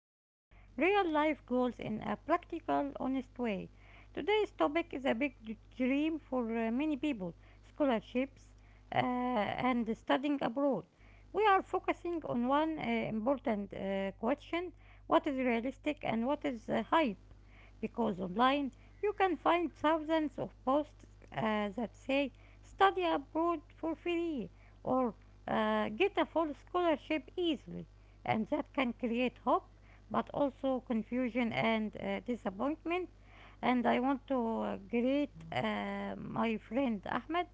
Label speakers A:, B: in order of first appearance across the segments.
A: real life goals in a practical, honest way. Today's topic is a big dream for many people, scholarships and studying abroad. We are focusing on one important question, what is realistic and what is hype? Because online you can find thousands of posts that say study abroad for free, or get a full scholarship easily, and that can create hope but also confusion and disappointment. And I want to greet my friend Ahmed,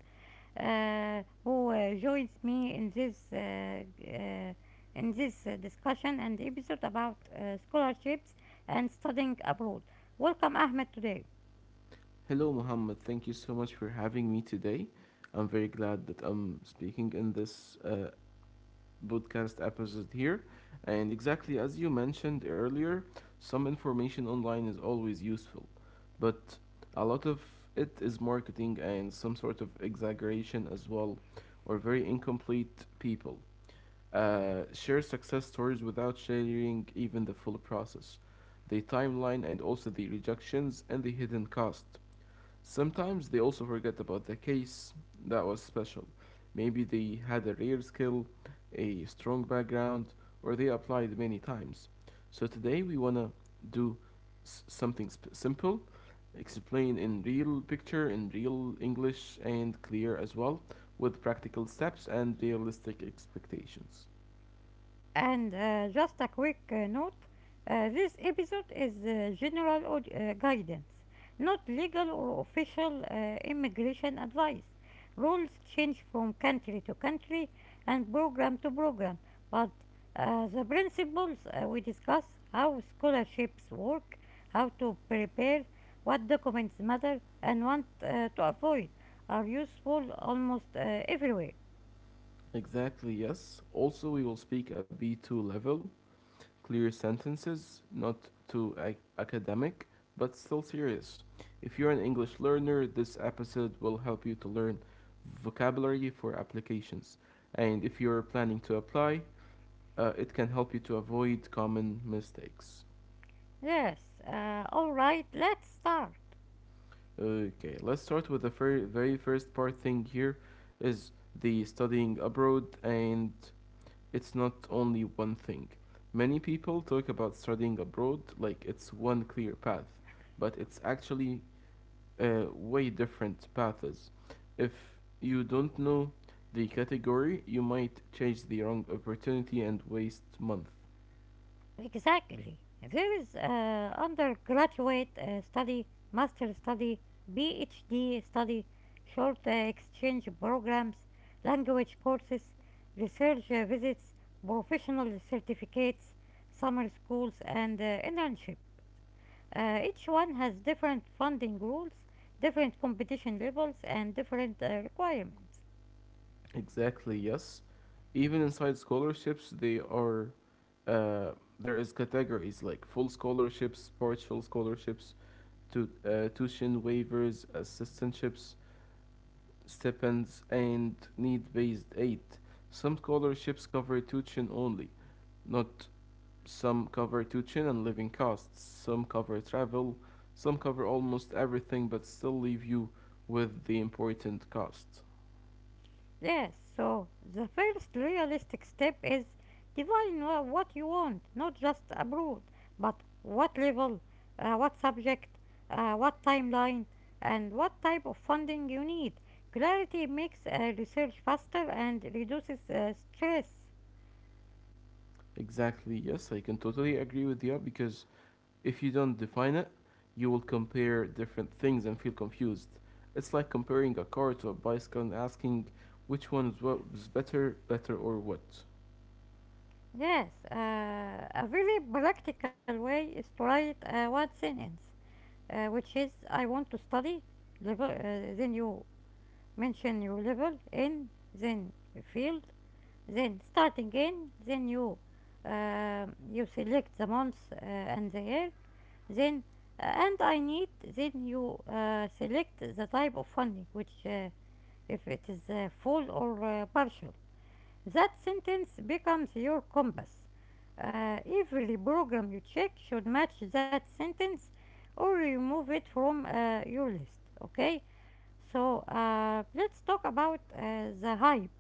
A: who joins me uh, in this discussion and episode about scholarships and studying abroad. Welcome, Ahmed, today.
B: Hello, Mohammed. Thank you so much for having me today. I'm very glad that I'm speaking in this podcast episode here. And exactly as you mentioned earlier, some information online is always useful, but a lot of it is marketing and some sort of exaggeration as well, or very incomplete people. Share success stories without sharing even the full process, the timeline, and also the rejections and the hidden cost. Sometimes they also forget about the case that was special. Maybe they had a rare skill, a strong background, or they applied many times. So today we want to do something simple, explain in real picture, in real English, and clear as well, with practical steps and realistic expectations.
A: And just a quick note, this episode is general guidance, not legal or official immigration advice. Rules change from country to country and program to program, but the principles we discuss, how scholarships work, how to prepare, what documents matter, and what to avoid, are useful almost everywhere.
B: Exactly, yes. Also, we will speak a B2 level clear sentences, not too academic, but still serious. If you're an English learner, this episode will help you to learn vocabulary for applications. And if you're planning to apply, it can help you to avoid common mistakes.
A: Yes, alright, let's start.
B: Okay, let's start with the very first part thing here is the studying abroad and it's not only one thing. Many people talk about studying abroad like it's one clear path, but it's actually way different paths. If you don't know the category, you might chase the wrong opportunity and waste months.
A: Exactly. There is undergraduate study, master study, PhD study, short exchange programs, language courses, research visits, professional certificates, summer schools, and internship. Each one has different funding rules, different competition levels, and different requirements.
B: Exactly, yes. Even inside scholarships, they are uh, there is categories like full scholarships, partial scholarships, tuition waivers, assistantships, stipends, and need based aid. Some scholarships cover tuition only, not some cover tuition and living costs, some cover travel, some cover almost everything but still leave you with the important costs.
A: Yes, so the first realistic step is define what you want, not just a broad, but what level, what subject, what timeline, and what type of funding you need. Clarity makes research faster and reduces stress.
B: Exactly, yes, I can totally agree with you because if you don't define it, you will compare different things and feel confused. It's like comparing a car to a bicycle and asking which one is what is better, better or what.
A: Yes, a very practical way is to write one sentence, which is I want to study level, then you mention your level in, then field, then start again then you you select the month and the year, then and I need, then you select the type of funding, which if it is full or partial. That sentence becomes your compass. Every program you check should match that sentence or remove it from your list. Okay, so let's talk about the hype.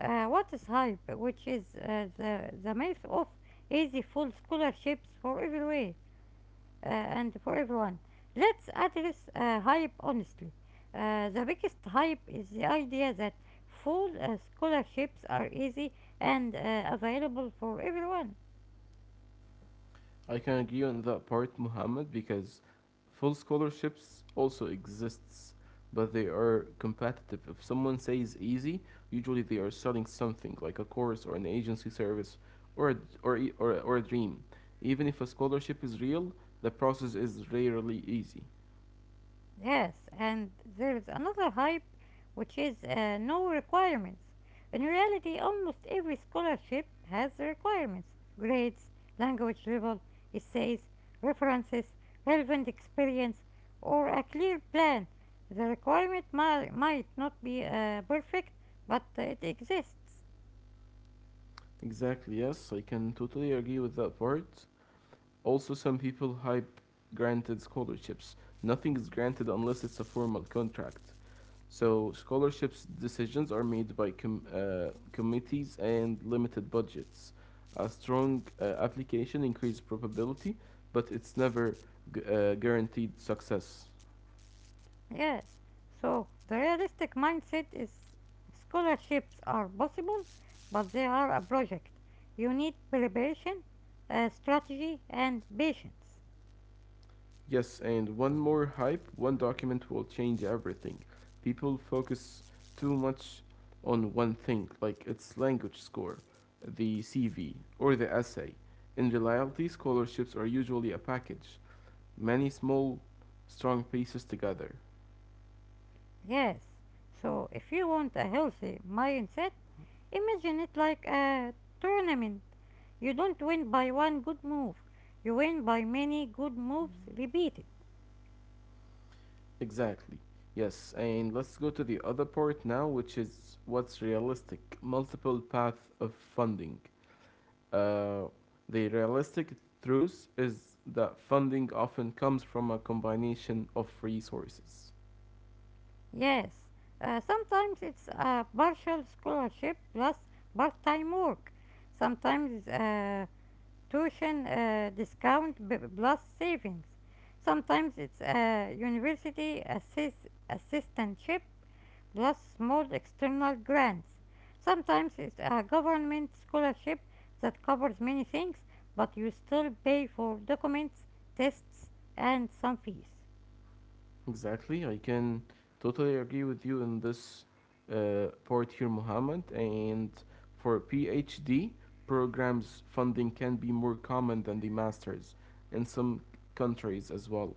A: What is HYPE, which is the myth of easy full scholarships for everywhere and for everyone. Let's address HYPE honestly. The biggest hype is the idea that full scholarships are easy and available for everyone.
B: I can agree on that part, Muhammad, because full scholarships also exists, but they are competitive. If someone says easy, usually they are selling something like a course or an agency service or a, or a dream. Even if a scholarship is real, the process is rarely easy.
A: Yes, and there's another hype, which is no requirements. In reality, almost every scholarship has the requirements: grades, language level, essays, references, relevant experience, or a clear plan. The requirement might not be perfect, but it exists.
B: Exactly, yes, I can totally agree with that part. Also, some people hype granted scholarships. Nothing is granted unless it's a formal contract. So scholarships decisions are made by committees and limited budgets. A strong application increases probability, but it's never guaranteed success.
A: Yes. So the realistic mindset is scholarships are possible, but they are a project. You need preparation, strategy, and patience.
B: Yes, and one more hype, one document will change everything. People focus too much on one thing, like its language score, the CV, or the essay. In reality, scholarships are usually a package, many small, strong pieces together.
A: Yes. So if you want a healthy mindset, imagine it like a tournament. You don't win by one good move. You win by many good moves repeated.
B: Exactly. Yes, and let's go to the other part now, which is what's realistic. Multiple path of funding. Uh, the realistic truth is that funding often comes from a combination of resources.
A: Yes, sometimes it's a partial scholarship plus part time work, sometimes tuition discount plus savings, sometimes it's a university assistantship plus small external grants, sometimes it's a government scholarship that covers many things, but you still pay for documents, tests, and some fees.
B: Exactly, I can totally agree with you in this part here, Mohammed. And for PhD programs, funding can be more common than the masters in some countries as well.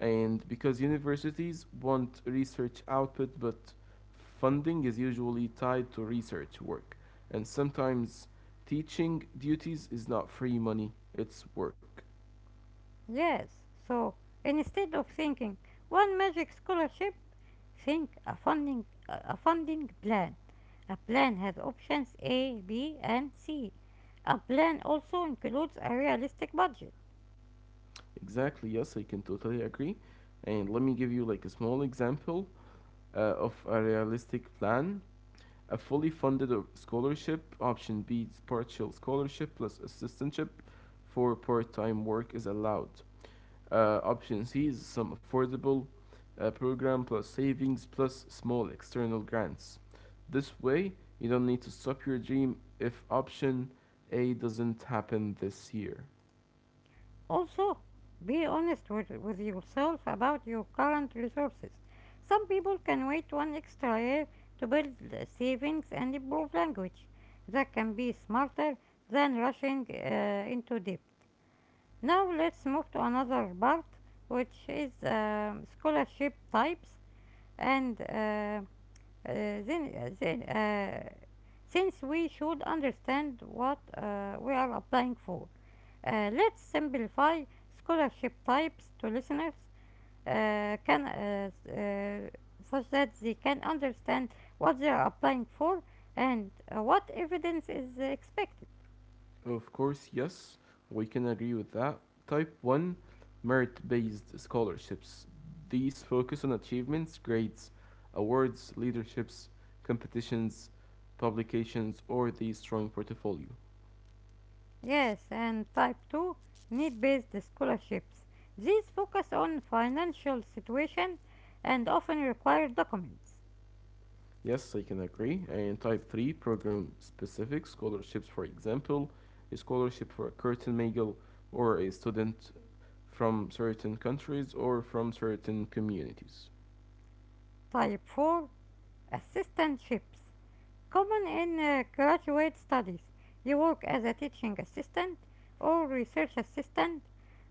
B: And because universities want research output, but funding is usually tied to research work. And sometimes teaching duties is not free money, it's work.
A: Yes, so instead of thinking one magic scholarship, think a funding plan. A plan has options A, B, and C. A plan also includes a realistic budget.
B: Exactly, yes, I can totally agree. And let me give you like a small example of a realistic plan. A fully funded scholarship, option B partial scholarship plus assistantship for part time work is allowed. Option C is some affordable program plus savings plus small external grants. This way, you don't need to stop your dream if option A doesn't happen this year.
A: Also, be honest with yourself about your current resources. Some people can wait one extra year to build savings and improve language. That can be smarter than rushing into debt. Now let's move to another part, which is scholarship types, and then since we should understand what we are applying for, let's simplify scholarship types to listeners can uh, such that they can understand what they are applying for and what evidence is expected.
B: Of course, yes, we can agree with that. Type 1 merit based scholarships. These focus on achievements, grades, awards, leaderships, competitions, publications, or the strong portfolio.
A: Yes, and type 2, need based scholarships. These focus on financial situation and often require documents.
B: Yes, I can agree. And type 3 program specific scholarships, for example, a scholarship for a curtain Magel or a student from certain countries or from certain communities.
A: Type 4, assistantships. Common in graduate studies. You work as a teaching assistant or research assistant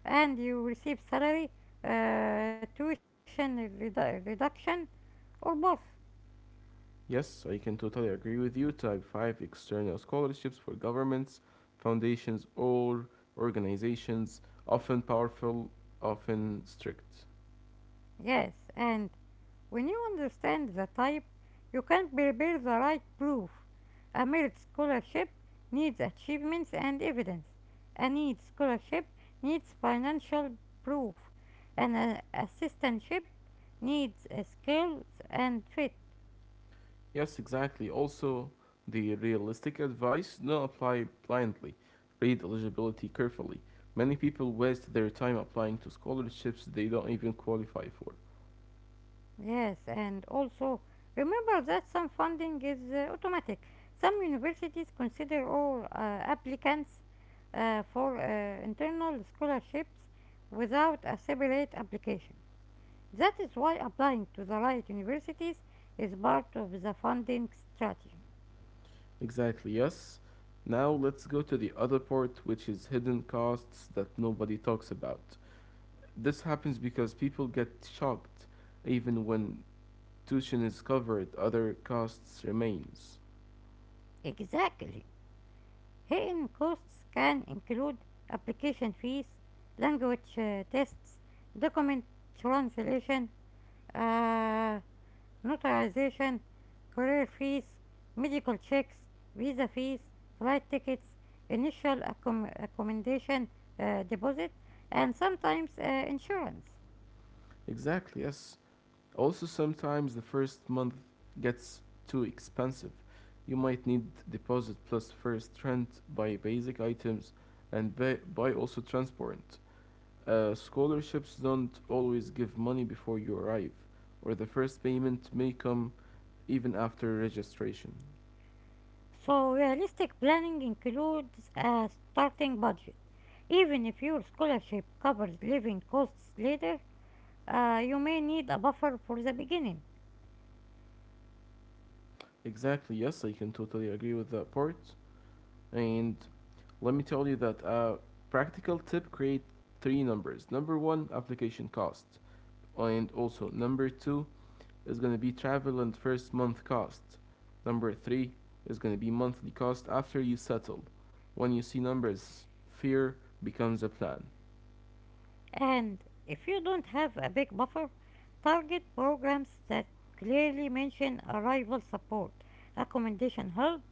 A: and you receive salary, tuition reduction, or both.
B: Yes, I can totally agree with you. Type 5 external scholarships for governments, foundations, or organizations, often powerful, often strict.
A: Yes, and when you understand the type, you can prepare the right proof. A merit scholarship needs achievements and evidence. A need scholarship needs financial proof. An assistantship needs skills and fit.
B: Yes, exactly. Also, the realistic advice don't apply blindly. Read eligibility carefully. Many people waste their time applying to scholarships they don't even qualify for.
A: Yes, and also remember that some funding is automatic. Some universities consider all applicants for internal scholarships without a separate application. That is why applying to the right universities is part of the funding strategy.
B: Exactly, yes. Now let's go to the other part, which is hidden costs that nobody talks about. This happens because people get shocked even when tuition is covered, other costs remains.
A: Exactly. Hidden costs can include application fees, language tests, document translation, uh, notarization, career fees, medical checks, visa fees, flight tickets, initial accommodation deposit, and sometimes insurance.
B: Exactly, yes. Also, sometimes the first month gets too expensive. You might need deposit plus first rent, buy basic items, and buy also transport. Scholarships don't always give money before you arrive, or the first payment may come even after registration.
A: So, realistic planning includes a starting budget. Even if your scholarship covers living costs later, you may need a buffer for the beginning.
B: Exactly, yes, I can totally agree with that part. And let me tell you that a practical tip create three numbers. Number one, application cost, and also number two, is going to be travel and first month cost. Number three is going to be monthly cost after you settle. When you see numbers, fear becomes a plan.
A: And if you don't have a big buffer, target programs that clearly mention arrival support, accommodation help,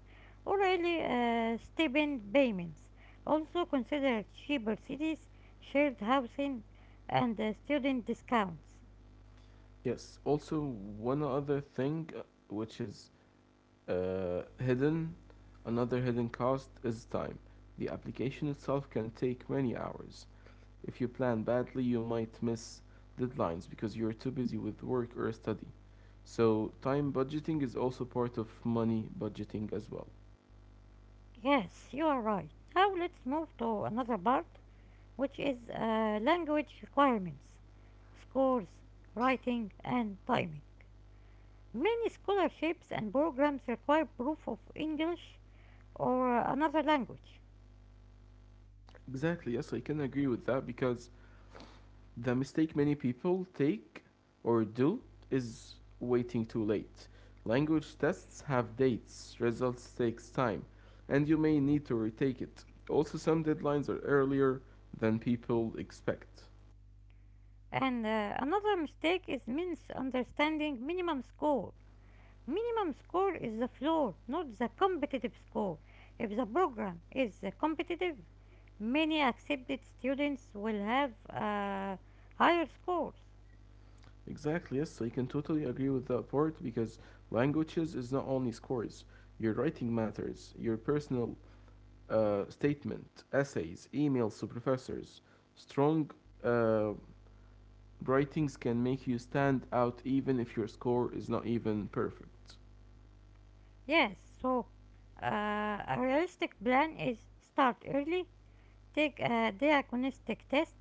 A: or early stipend payments. Also consider cheaper cities, shared housing, and student discounts.
B: Yes. Also, one other thing which is hidden, another hidden cost is time. The application itself can take many hours. If you plan badly, you might miss deadlines because you're too busy with work or study. So, time budgeting is also part of money budgeting as well.
A: Yes, you are right. Now let's move to another part, which is language requirements, scores, writing, and timing. Many scholarships and programs require proof of English or another language.
B: Exactly, yes, I can agree with that because the mistake many people take or do is waiting too late. Language tests have dates, results takes time, and you may need to retake it. Also, some deadlines are earlier than people expect.
A: And another mistake is misunderstanding minimum score. Minimum score is the floor, not the competitive score. If the program is competitive, many accepted students will have higher scores.
B: Exactly, yes, I can totally agree with that part because languages is not only scores. Your writing matters, your personal statement, essays, emails to professors, strong uh, writings can make you stand out even if your score is not even perfect.
A: Yes, so a realistic plan is start early, take a diagnostic test,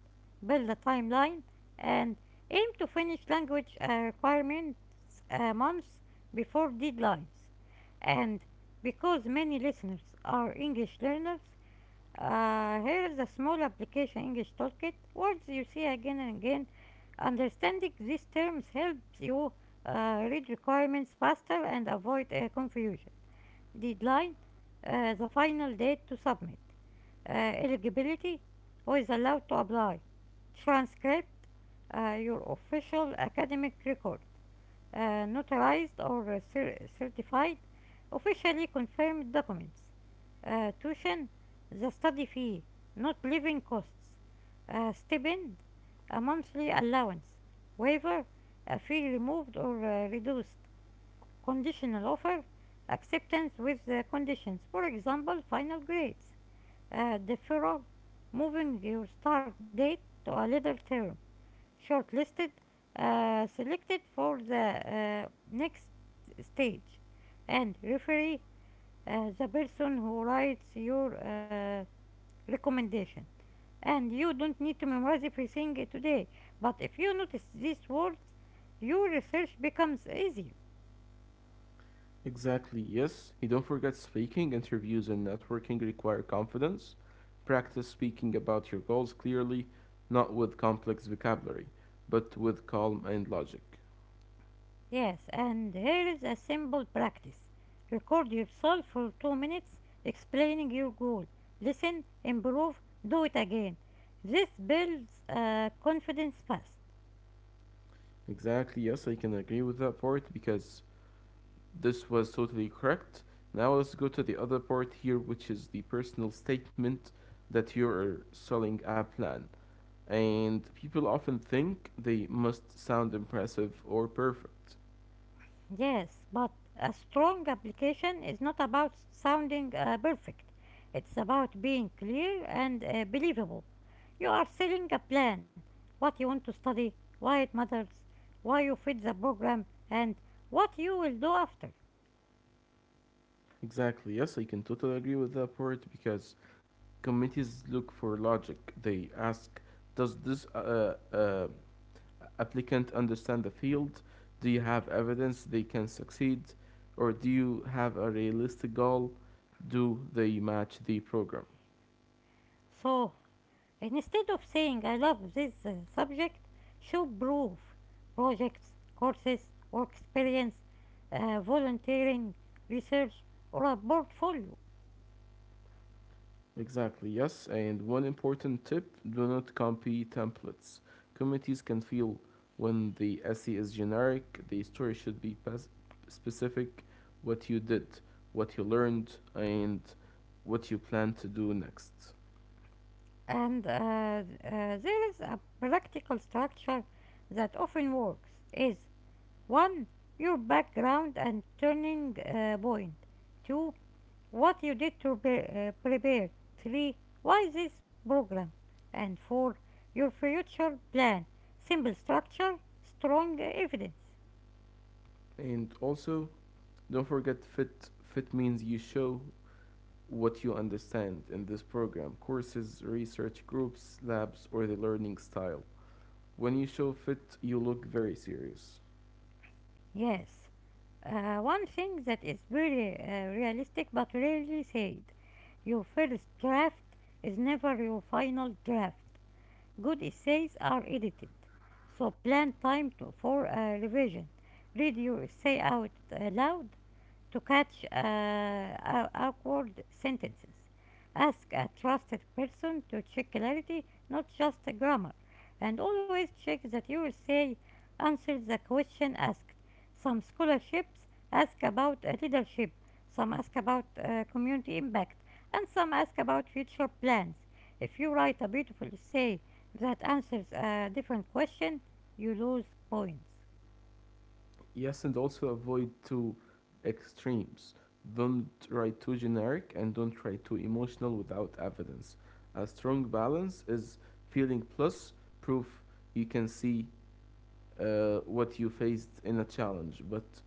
A: build a timeline, and aim to finish language requirements months before deadlines. And because many listeners are English learners, here is a small application English toolkit. Words you see again and again. Understanding these terms helps you read requirements faster and avoid confusion. Deadline, the final date to submit. Eligibility, who is allowed to apply. Transcript, your official academic record, notarized or certified, officially confirmed documents. Tuition, the study fee, not living costs. Stipend, a monthly allowance. Waiver, a fee removed or reduced. Conditional offer, acceptance with conditions. For example, final grades. Deferral, moving your start date to a later term. Shortlisted, selected for the next stage. And referee, the person who writes your recommendation. And you don't need to memorize everything today, but if you notice these words, your research becomes easier.
B: Exactly, yes. You don't forget speaking, interviews, and networking require confidence. Practice speaking about your goals clearly, not with complex vocabulary, but with calm and logic.
A: Yes, and here is a simple practice. Record yourself for 2 minutes explaining your goal. Listen, improve, do it again. This builds confidence fast.
B: Exactly, yes, I can agree with that part because this was totally correct. Now let's go to the other part here, which is the personal statement that you're selling a plan. And people often think they must sound impressive or perfect.
A: Yes, but a strong application is not about sounding perfect, it's about being clear and believable. You are selling a plan: what you want to study, why it matters, why you fit the program, and what you will do after.
B: Exactly, yes, I can totally agree with that part because committees look for logic. They ask, does this applicant understand the field? Do you have evidence they can succeed? Or do you have a realistic goal? Do they match the program?
A: So, And instead of saying I love this subject, show proof: projects, courses, work experience, volunteering, research, or a portfolio.
B: Exactly, yes. And one important tip do not copy templates. Committees can feel when the essay is generic, the story should be specific what you did, what you learned, and what you plan to do next.
A: And there is a practical structure that often works is: 1. Your background and turning point. 2. What you did to prepare. 3. Why this program? And 4. Your future plan. Simple structure, strong evidence.
B: And also, don't forget fit. Fit means you show what you understand in this program courses, research groups, labs, or the learning style. When you show fit, you look very serious.
A: Yes. One thing that is very realistic but rarely said: your first draft is never your final draft. Good essays are edited, so plan time for a revision. Read your essay out loud to catch awkward sentences. Ask a trusted person to check clarity, not just the grammar. And always check that your essay answers the question asked. Some scholarships ask about leadership, some ask about community impact, and some ask about future plans. If you write a beautiful essay that answers a different question, you lose points.
B: Yes, and also avoid two extremes. Don't write too generic and don't write too emotional without evidence. A strong balance is feeling plus proof you can see what you faced in a challenge, but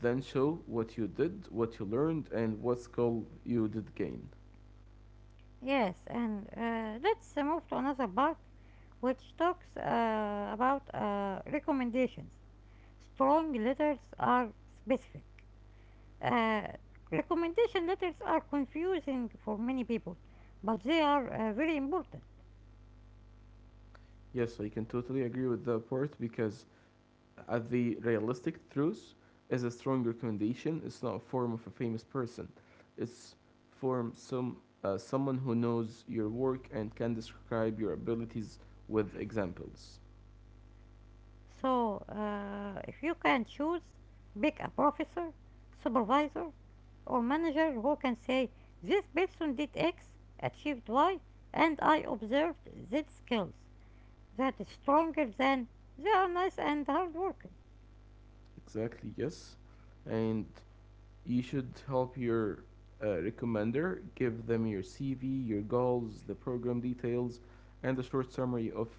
B: then show what you did, what you learned, and what skill you did gain.
A: Yes, and let's move to another part, which talks about recommendations. Strong letters are specific. Uh, Recommendation letters are confusing for many people, but they are very important.
B: Yes, I can totally agree with that part because at the realistic truth is a strong recommendation. It's not a form of a famous person. It's form someone who knows your work and can describe your abilities with examples.
A: So, if you can choose, pick a professor, supervisor, or manager who can say, "This person did X, achieved Y, and I observed Z skills." That is stronger than "they are nice and hardworking."
B: Exactly. Yes, and you should help your recommender give them your CV, your goals, the program details, and a short summary of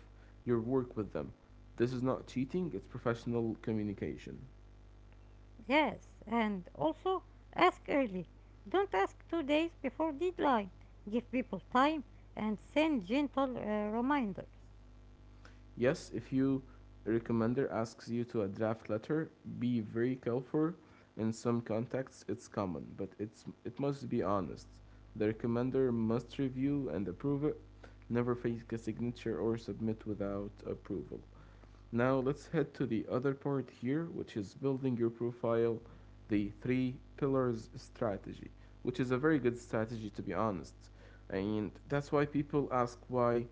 B: your work with them. This is not cheating. It's professional communication.
A: Yes, and also ask early. Don't ask 2 days before deadline. Give people time and send gentle reminders.
B: Yes, if you recommender asks you to a draft letter, be very careful. In some contexts, it's common, but it's it must be honest. The recommender must review and approve it. Never fake a signature or submit without approval. Now let's head to the other part here, which is building your profile, the three pillars strategy, which is a very good strategy to be honest. And that's why people ask why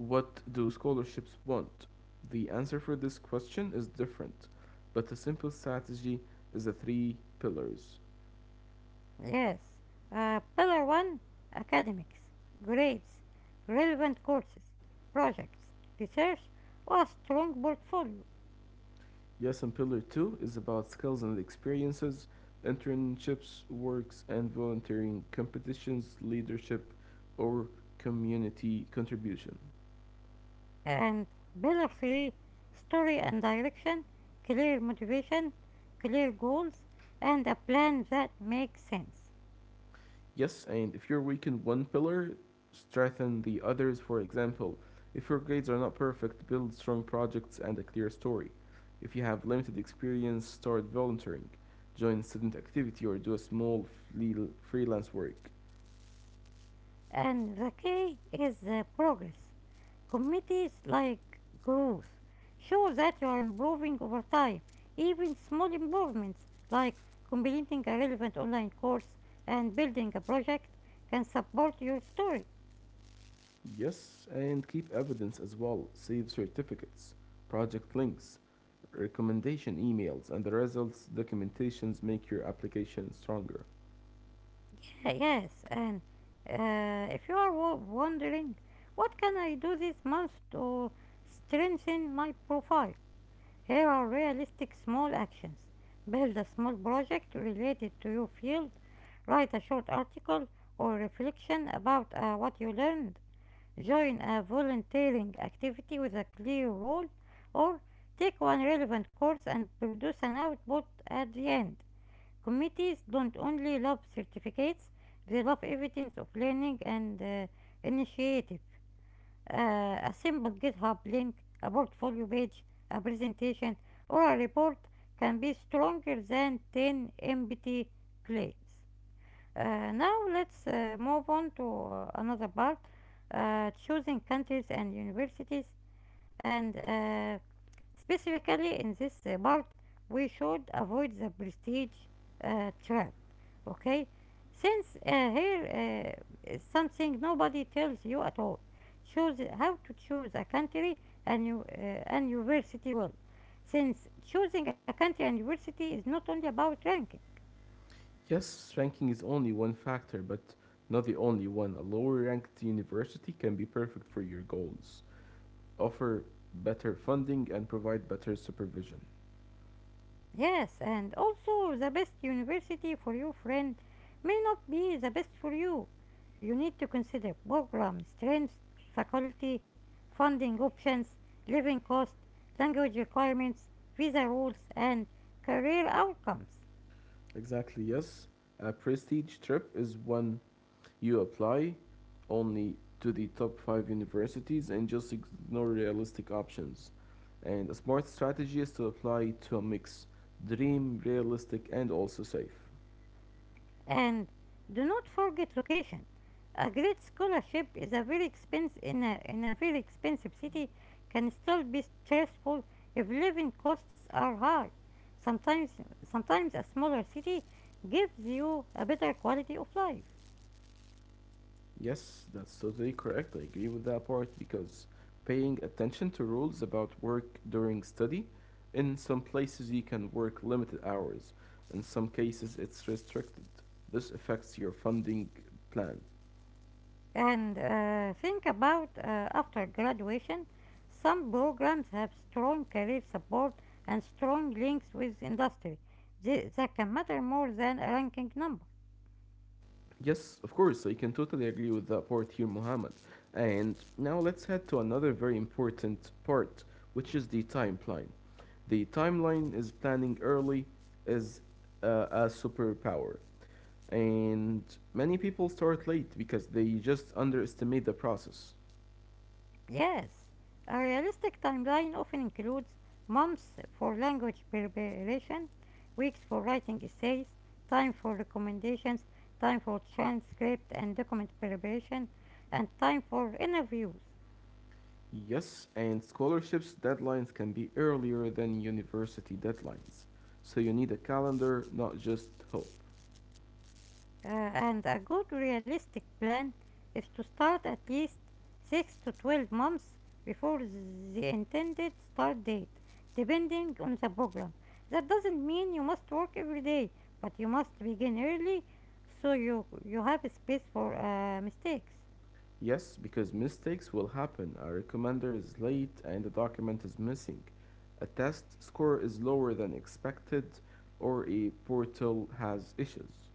B: what do scholarships want? The answer for this question is different, but the simple strategy is the three pillars.
A: Yes, pillar one, academics: grades, relevant courses, projects, research, or a strong portfolio.
B: Yes, and pillar two is about skills and experiences, internships, works and volunteering, competitions, leadership, or community contribution.
A: And pillar three, story and direction: clear motivation, clear goals, and a plan that makes sense.
B: Yes, and if you're weak in one pillar, strengthen the others, for example. If your grades are not perfect, build strong projects and a clear story. If you have limited experience, start volunteering, join student activity, or do a small freelance work.
A: And the K is progress. Committees like growth. Show that you are improving over time. Even small improvements like completing a relevant online course and building a project can support your story.
B: Yes, and keep evidence as well. Save certificates, project links, recommendation emails, and the results documentations make your application stronger.
A: Yeah, yes, and if you are wondering what can I do this month to strengthen my profile, here are realistic small actions. Build a small project related to your field. Write a short article or reflection about what you learned. Join a volunteering activity with a clear role or take one relevant course and produce an output at the end. Committees don't only love certificates, they love evidence of learning and initiative. A simple GitHub link, a portfolio page, a presentation, or a report can be stronger than 10 empty claims. Now let's move on to another part, choosing countries and universities and Specifically in this part, we should avoid the prestige trap. Okay, since here is something nobody tells you at all. Choose how to choose a country and you and university well, since choosing a country and university is not only about ranking.
B: Yes, ranking is only one factor, but not the only one. A lower ranked university can be perfect for your goals, offer better funding, and provide better supervision.
A: Yes, and also the best university for your friend may not be the best for you. You need to consider program strengths, faculty, funding options, living cost, language requirements, visa rules, and career outcomes.
B: Exactly, yes. A prestige trip is when you apply only to the top five universities and just ignore realistic options. And a smart strategy is to apply to a mix: dream, realistic, and also safe.
A: And do not forget location. A great scholarship is a very expense in a very expensive city can still be stressful if living costs are high. Sometimes sometimes a smaller city gives you a better quality of life.
B: Yes, that's totally correct. I agree with that part because paying attention to rules about work during study, in some places you can work limited hours, in some cases it's restricted. This affects your funding plan.
A: And think about after graduation, some programs have strong career support and strong links with industry. That can matter more than a ranking number.
B: Yes, of course, I can totally agree with that part here, Mohammed. And now let's head to another very important part, which is the timeline. The timeline is planning early is a superpower. And many people start late because they just underestimate the process.
A: Yes, a realistic timeline often includes months for language preparation, weeks for writing essays, time for recommendations, time for transcript and document preparation, and time for interviews.
B: Yes, and scholarships deadlines can be earlier than university deadlines. So you need a calendar, not just hope.
A: And a good realistic plan is to start at least 6 to 12 months before the intended start date, depending on the program. That doesn't mean you must work every day, but you must begin early so you have space for mistakes.
B: Yes, because mistakes will happen. A recommender is late and the document is missing. A test score is lower than expected or a portal has issues.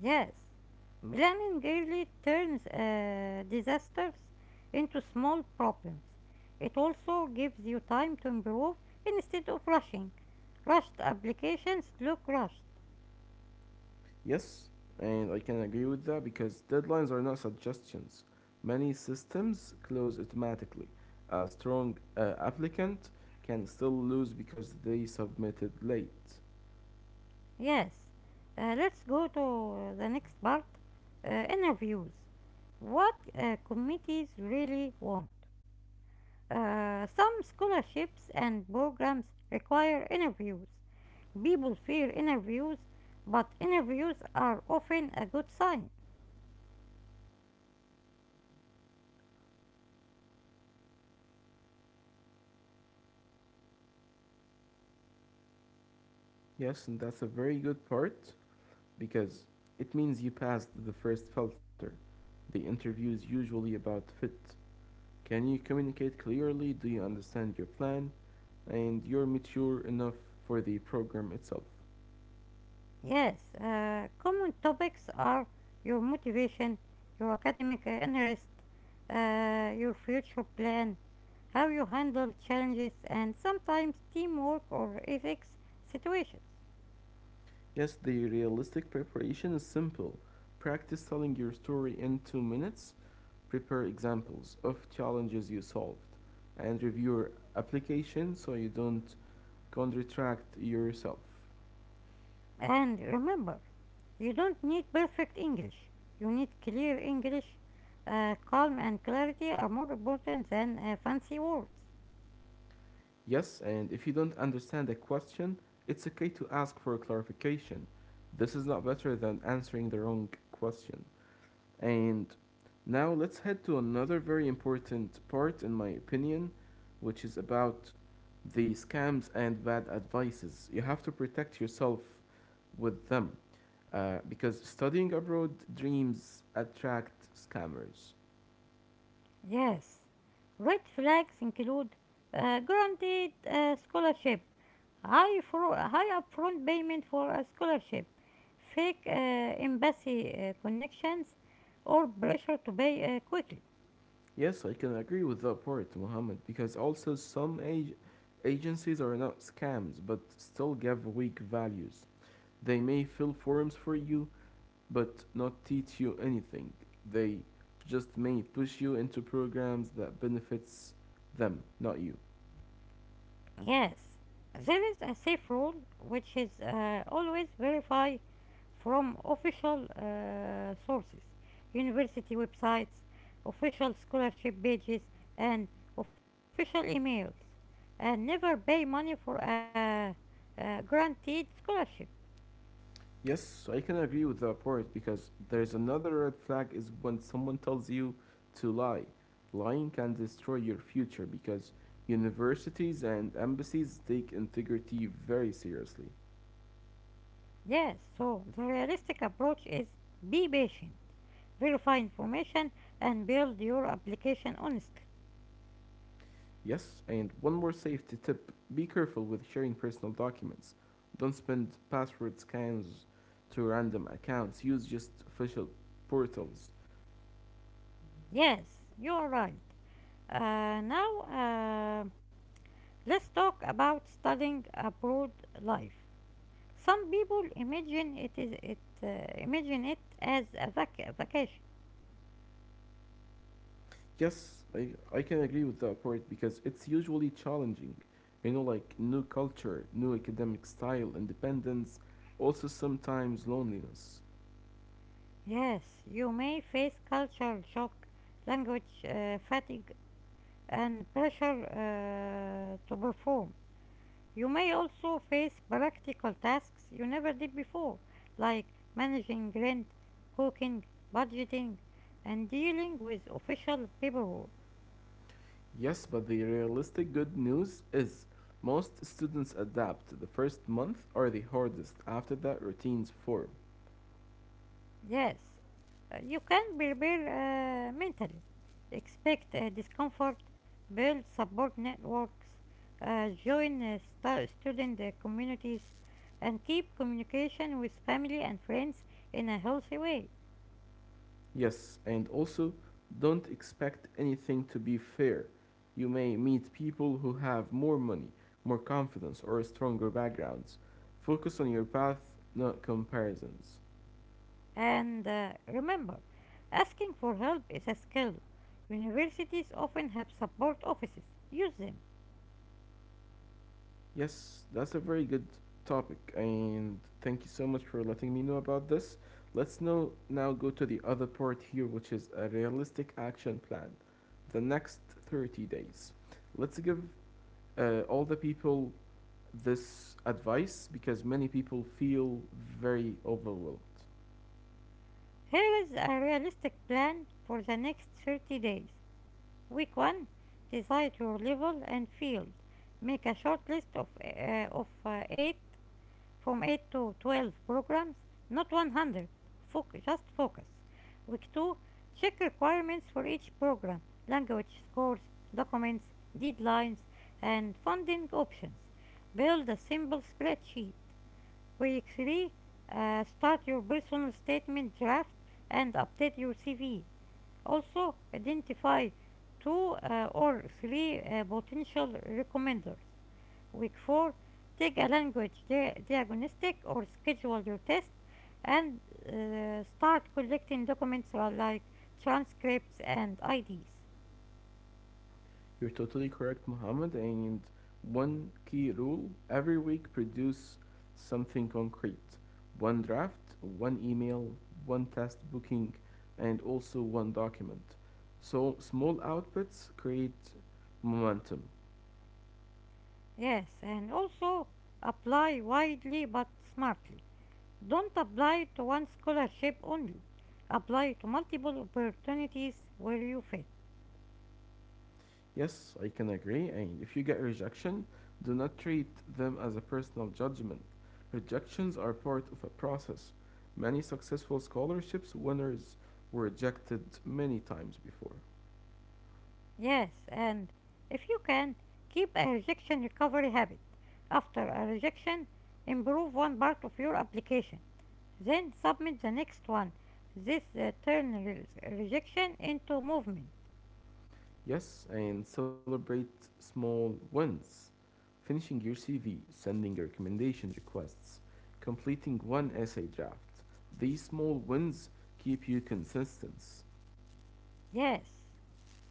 A: Yes, planning early turns disasters into small problems. It also gives you time to improve instead of rushing. Rushed. Applications look rushed.
B: Yes, and I can agree with that because deadlines are not suggestions. Many systems close automatically. A strong applicant can still lose because they submitted late.
A: Yes. Let's go to the next part. Interviews. What committees really want. Some scholarships and programs require interviews. People fear interviews, but interviews are often a good sign.
B: Yes, and that's a very good part because it means you passed the first filter. The interview is usually about fit. Can you communicate clearly? Do you understand your plan? And you're mature enough for the program itself.
A: Yes, common topics are your motivation, your academic interest, your future plan, how you handle challenges, and sometimes teamwork or ethics situations.
B: Yes, the realistic preparation is simple. Practice telling your story in 2 minutes, prepare examples of challenges you solved, and review your application so you don't contradict yourself.
A: And remember, you don't need perfect English. You need clear English. Calm and clarity are more important than fancy words.
B: Yes, and if you don't understand a question, it's okay to ask for clarification. This is not better than answering the wrong question. And now let's head to another very important part, in my opinion, which is about the scams and bad advices. You have to protect yourself with them because studying abroad dreams attract scammers.
A: Yes, red flags include guaranteed scholarship, high upfront payment for a scholarship, fake embassy connections, or pressure to pay quickly.
B: Yes, I can agree with that part, Mohammed, because also agencies are not scams but still give weak values. They may fill forms for you but not teach you anything. They just may push you into programs that benefits them, not you.
A: Yes, there is a safe rule, which is always verify from official sources, university websites, official scholarship pages, and official emails, and never pay money for a guaranteed scholarship.
B: Yes, so I can agree with that part because there's another red flag is when someone tells you to lie. Lying can destroy your future because universities and embassies take integrity very seriously.
A: Yes, so the realistic approach is be patient, verify information, and build your application honestly.
B: Yes, and one more safety tip: be careful with sharing personal documents. Don't spend password scans to random accounts, use just official portals.
A: Yes, you are right. Now, let's talk about studying abroad life. Some people imagine it is it as a vacation.
B: Yes, I can agree with that part because it's usually challenging. You know, like new culture, new academic style, independence, also sometimes loneliness.
A: Yes, you may face cultural shock, language fatigue, and pressure to perform. You may also face practical tasks you never did before, like managing rent, cooking, budgeting, and dealing with official paperwork.
B: Yes, but the realistic good news is most students adapt. The first month are the hardest, after that, routines form.
A: Yes, you can prepare mentally. Expect discomfort, build support networks, join student communities, and keep communication with family and friends in a healthy way.
B: Yes, and also don't expect anything to be fair. You may meet people who have more money, more confidence, or stronger backgrounds. Focus on your path, not comparisons.
A: And remember, asking for help is a skill. Universities often have support offices. Use them.
B: Yes, that's a very good topic, and thank you so much for letting me know about this. Let's now go to the other part here, which is a realistic action plan. The next 30 days. Let's give all the people this advice because many people feel very overwhelmed.
A: Here is a realistic plan for the next 30 days. Week 1: decide your level and field. Make a short list of 8 from 8 to 12 programs, not 100. Focus, just focus. Week 2: check requirements for each program, language scores, documents, deadlines, and funding options. Build a simple spreadsheet. Week 3: start your personal statement draft and update your CV. Also, identify two or three potential recommenders. Week 4, take a language diagnostic or schedule your test and start collecting documents like transcripts and IDs.
B: You're totally correct, Muhammad. And one key rule: every week produce something concrete: one draft, one email, one test booking, and also one document. So small outputs create momentum.
A: Yes, and also apply widely but smartly. Don't apply to one scholarship only. Apply to multiple opportunities where you fit.
B: Yes, I can agree. And if you get rejection, do not treat them as a personal judgment. Rejections are part of a process. Many successful scholarships winners were rejected many times before.
A: Yes, and if you can, keep a rejection recovery habit. After a rejection, improve one part of your application, then submit the next one. This turns rejection into movement.
B: Yes, and celebrate small wins. Finishing your CV, sending your recommendation requests, completing one essay draft. These small wins keep you consistent.
A: Yes,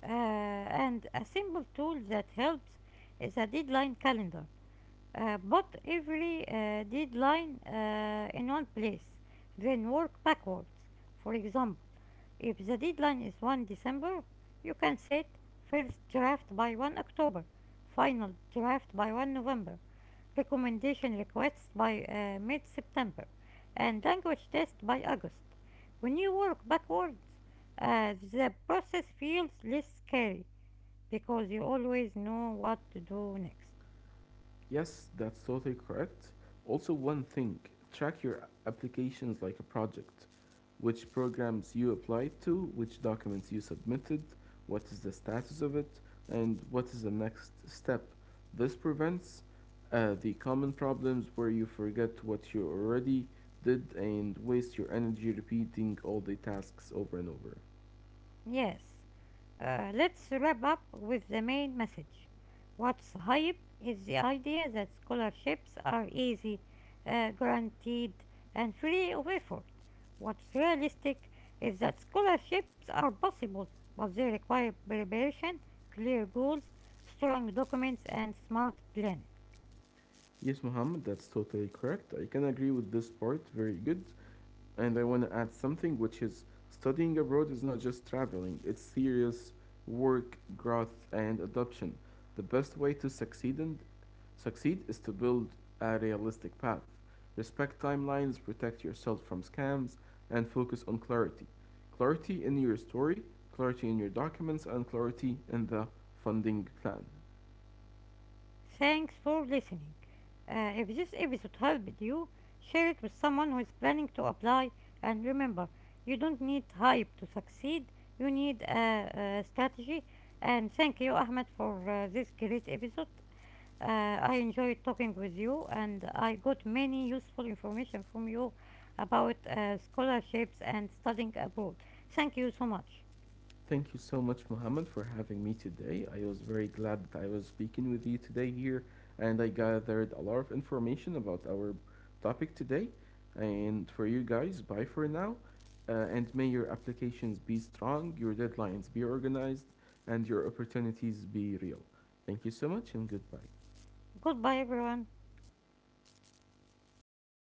A: and a simple tool that helps is a deadline calendar. Put every deadline in one place, then work backwards. For example, if the deadline is 1 December, you can set first draft by 1 October, final draft by 1 November, recommendation requests by mid September, and language test by August. When you work backwards, the process feels less scary because you always know what to do next.
B: Yes, that's totally correct. Also, one thing: track your applications like a project. Which programs you applied to, which documents you submitted, what is the status of it, and what is the next step. This prevents the common problems where you forget what you already did and waste your energy repeating all the tasks over and over.
A: Yes. Let's wrap up with the main message. What's hype is the idea that scholarships are easy, guaranteed, and free of effort. What's realistic is that scholarships are possible, but they require preparation, clear goals, strong documents, and smart planning.
B: Yes, Muhammad, that's totally correct. I can agree with this part. Very good. And I want to add something, which is studying abroad is not just traveling, it's serious work, growth, and adoption. The best way succeed is to build a realistic path. Respect timelines, protect yourself from scams, and focus on clarity. Clarity in your story, clarity in your documents, and clarity in the funding plan.
A: Thanks for listening. If this episode helped you, share it with someone who is planning to apply. And remember, you don't need hype to succeed, you need a strategy. And thank you, Ahmed, for this great episode. I enjoyed talking with you, and I got many useful information from you about scholarships and studying abroad. Thank you so much.
B: Thank you so much, Mohammed, for having me today. I was very glad that I was speaking with you today here, and I gathered a lot of information about our topic today. And for you guys, bye for now. And may your applications be strong, your deadlines be organized, and your opportunities be real. Thank you so much, and goodbye.
A: Goodbye, everyone.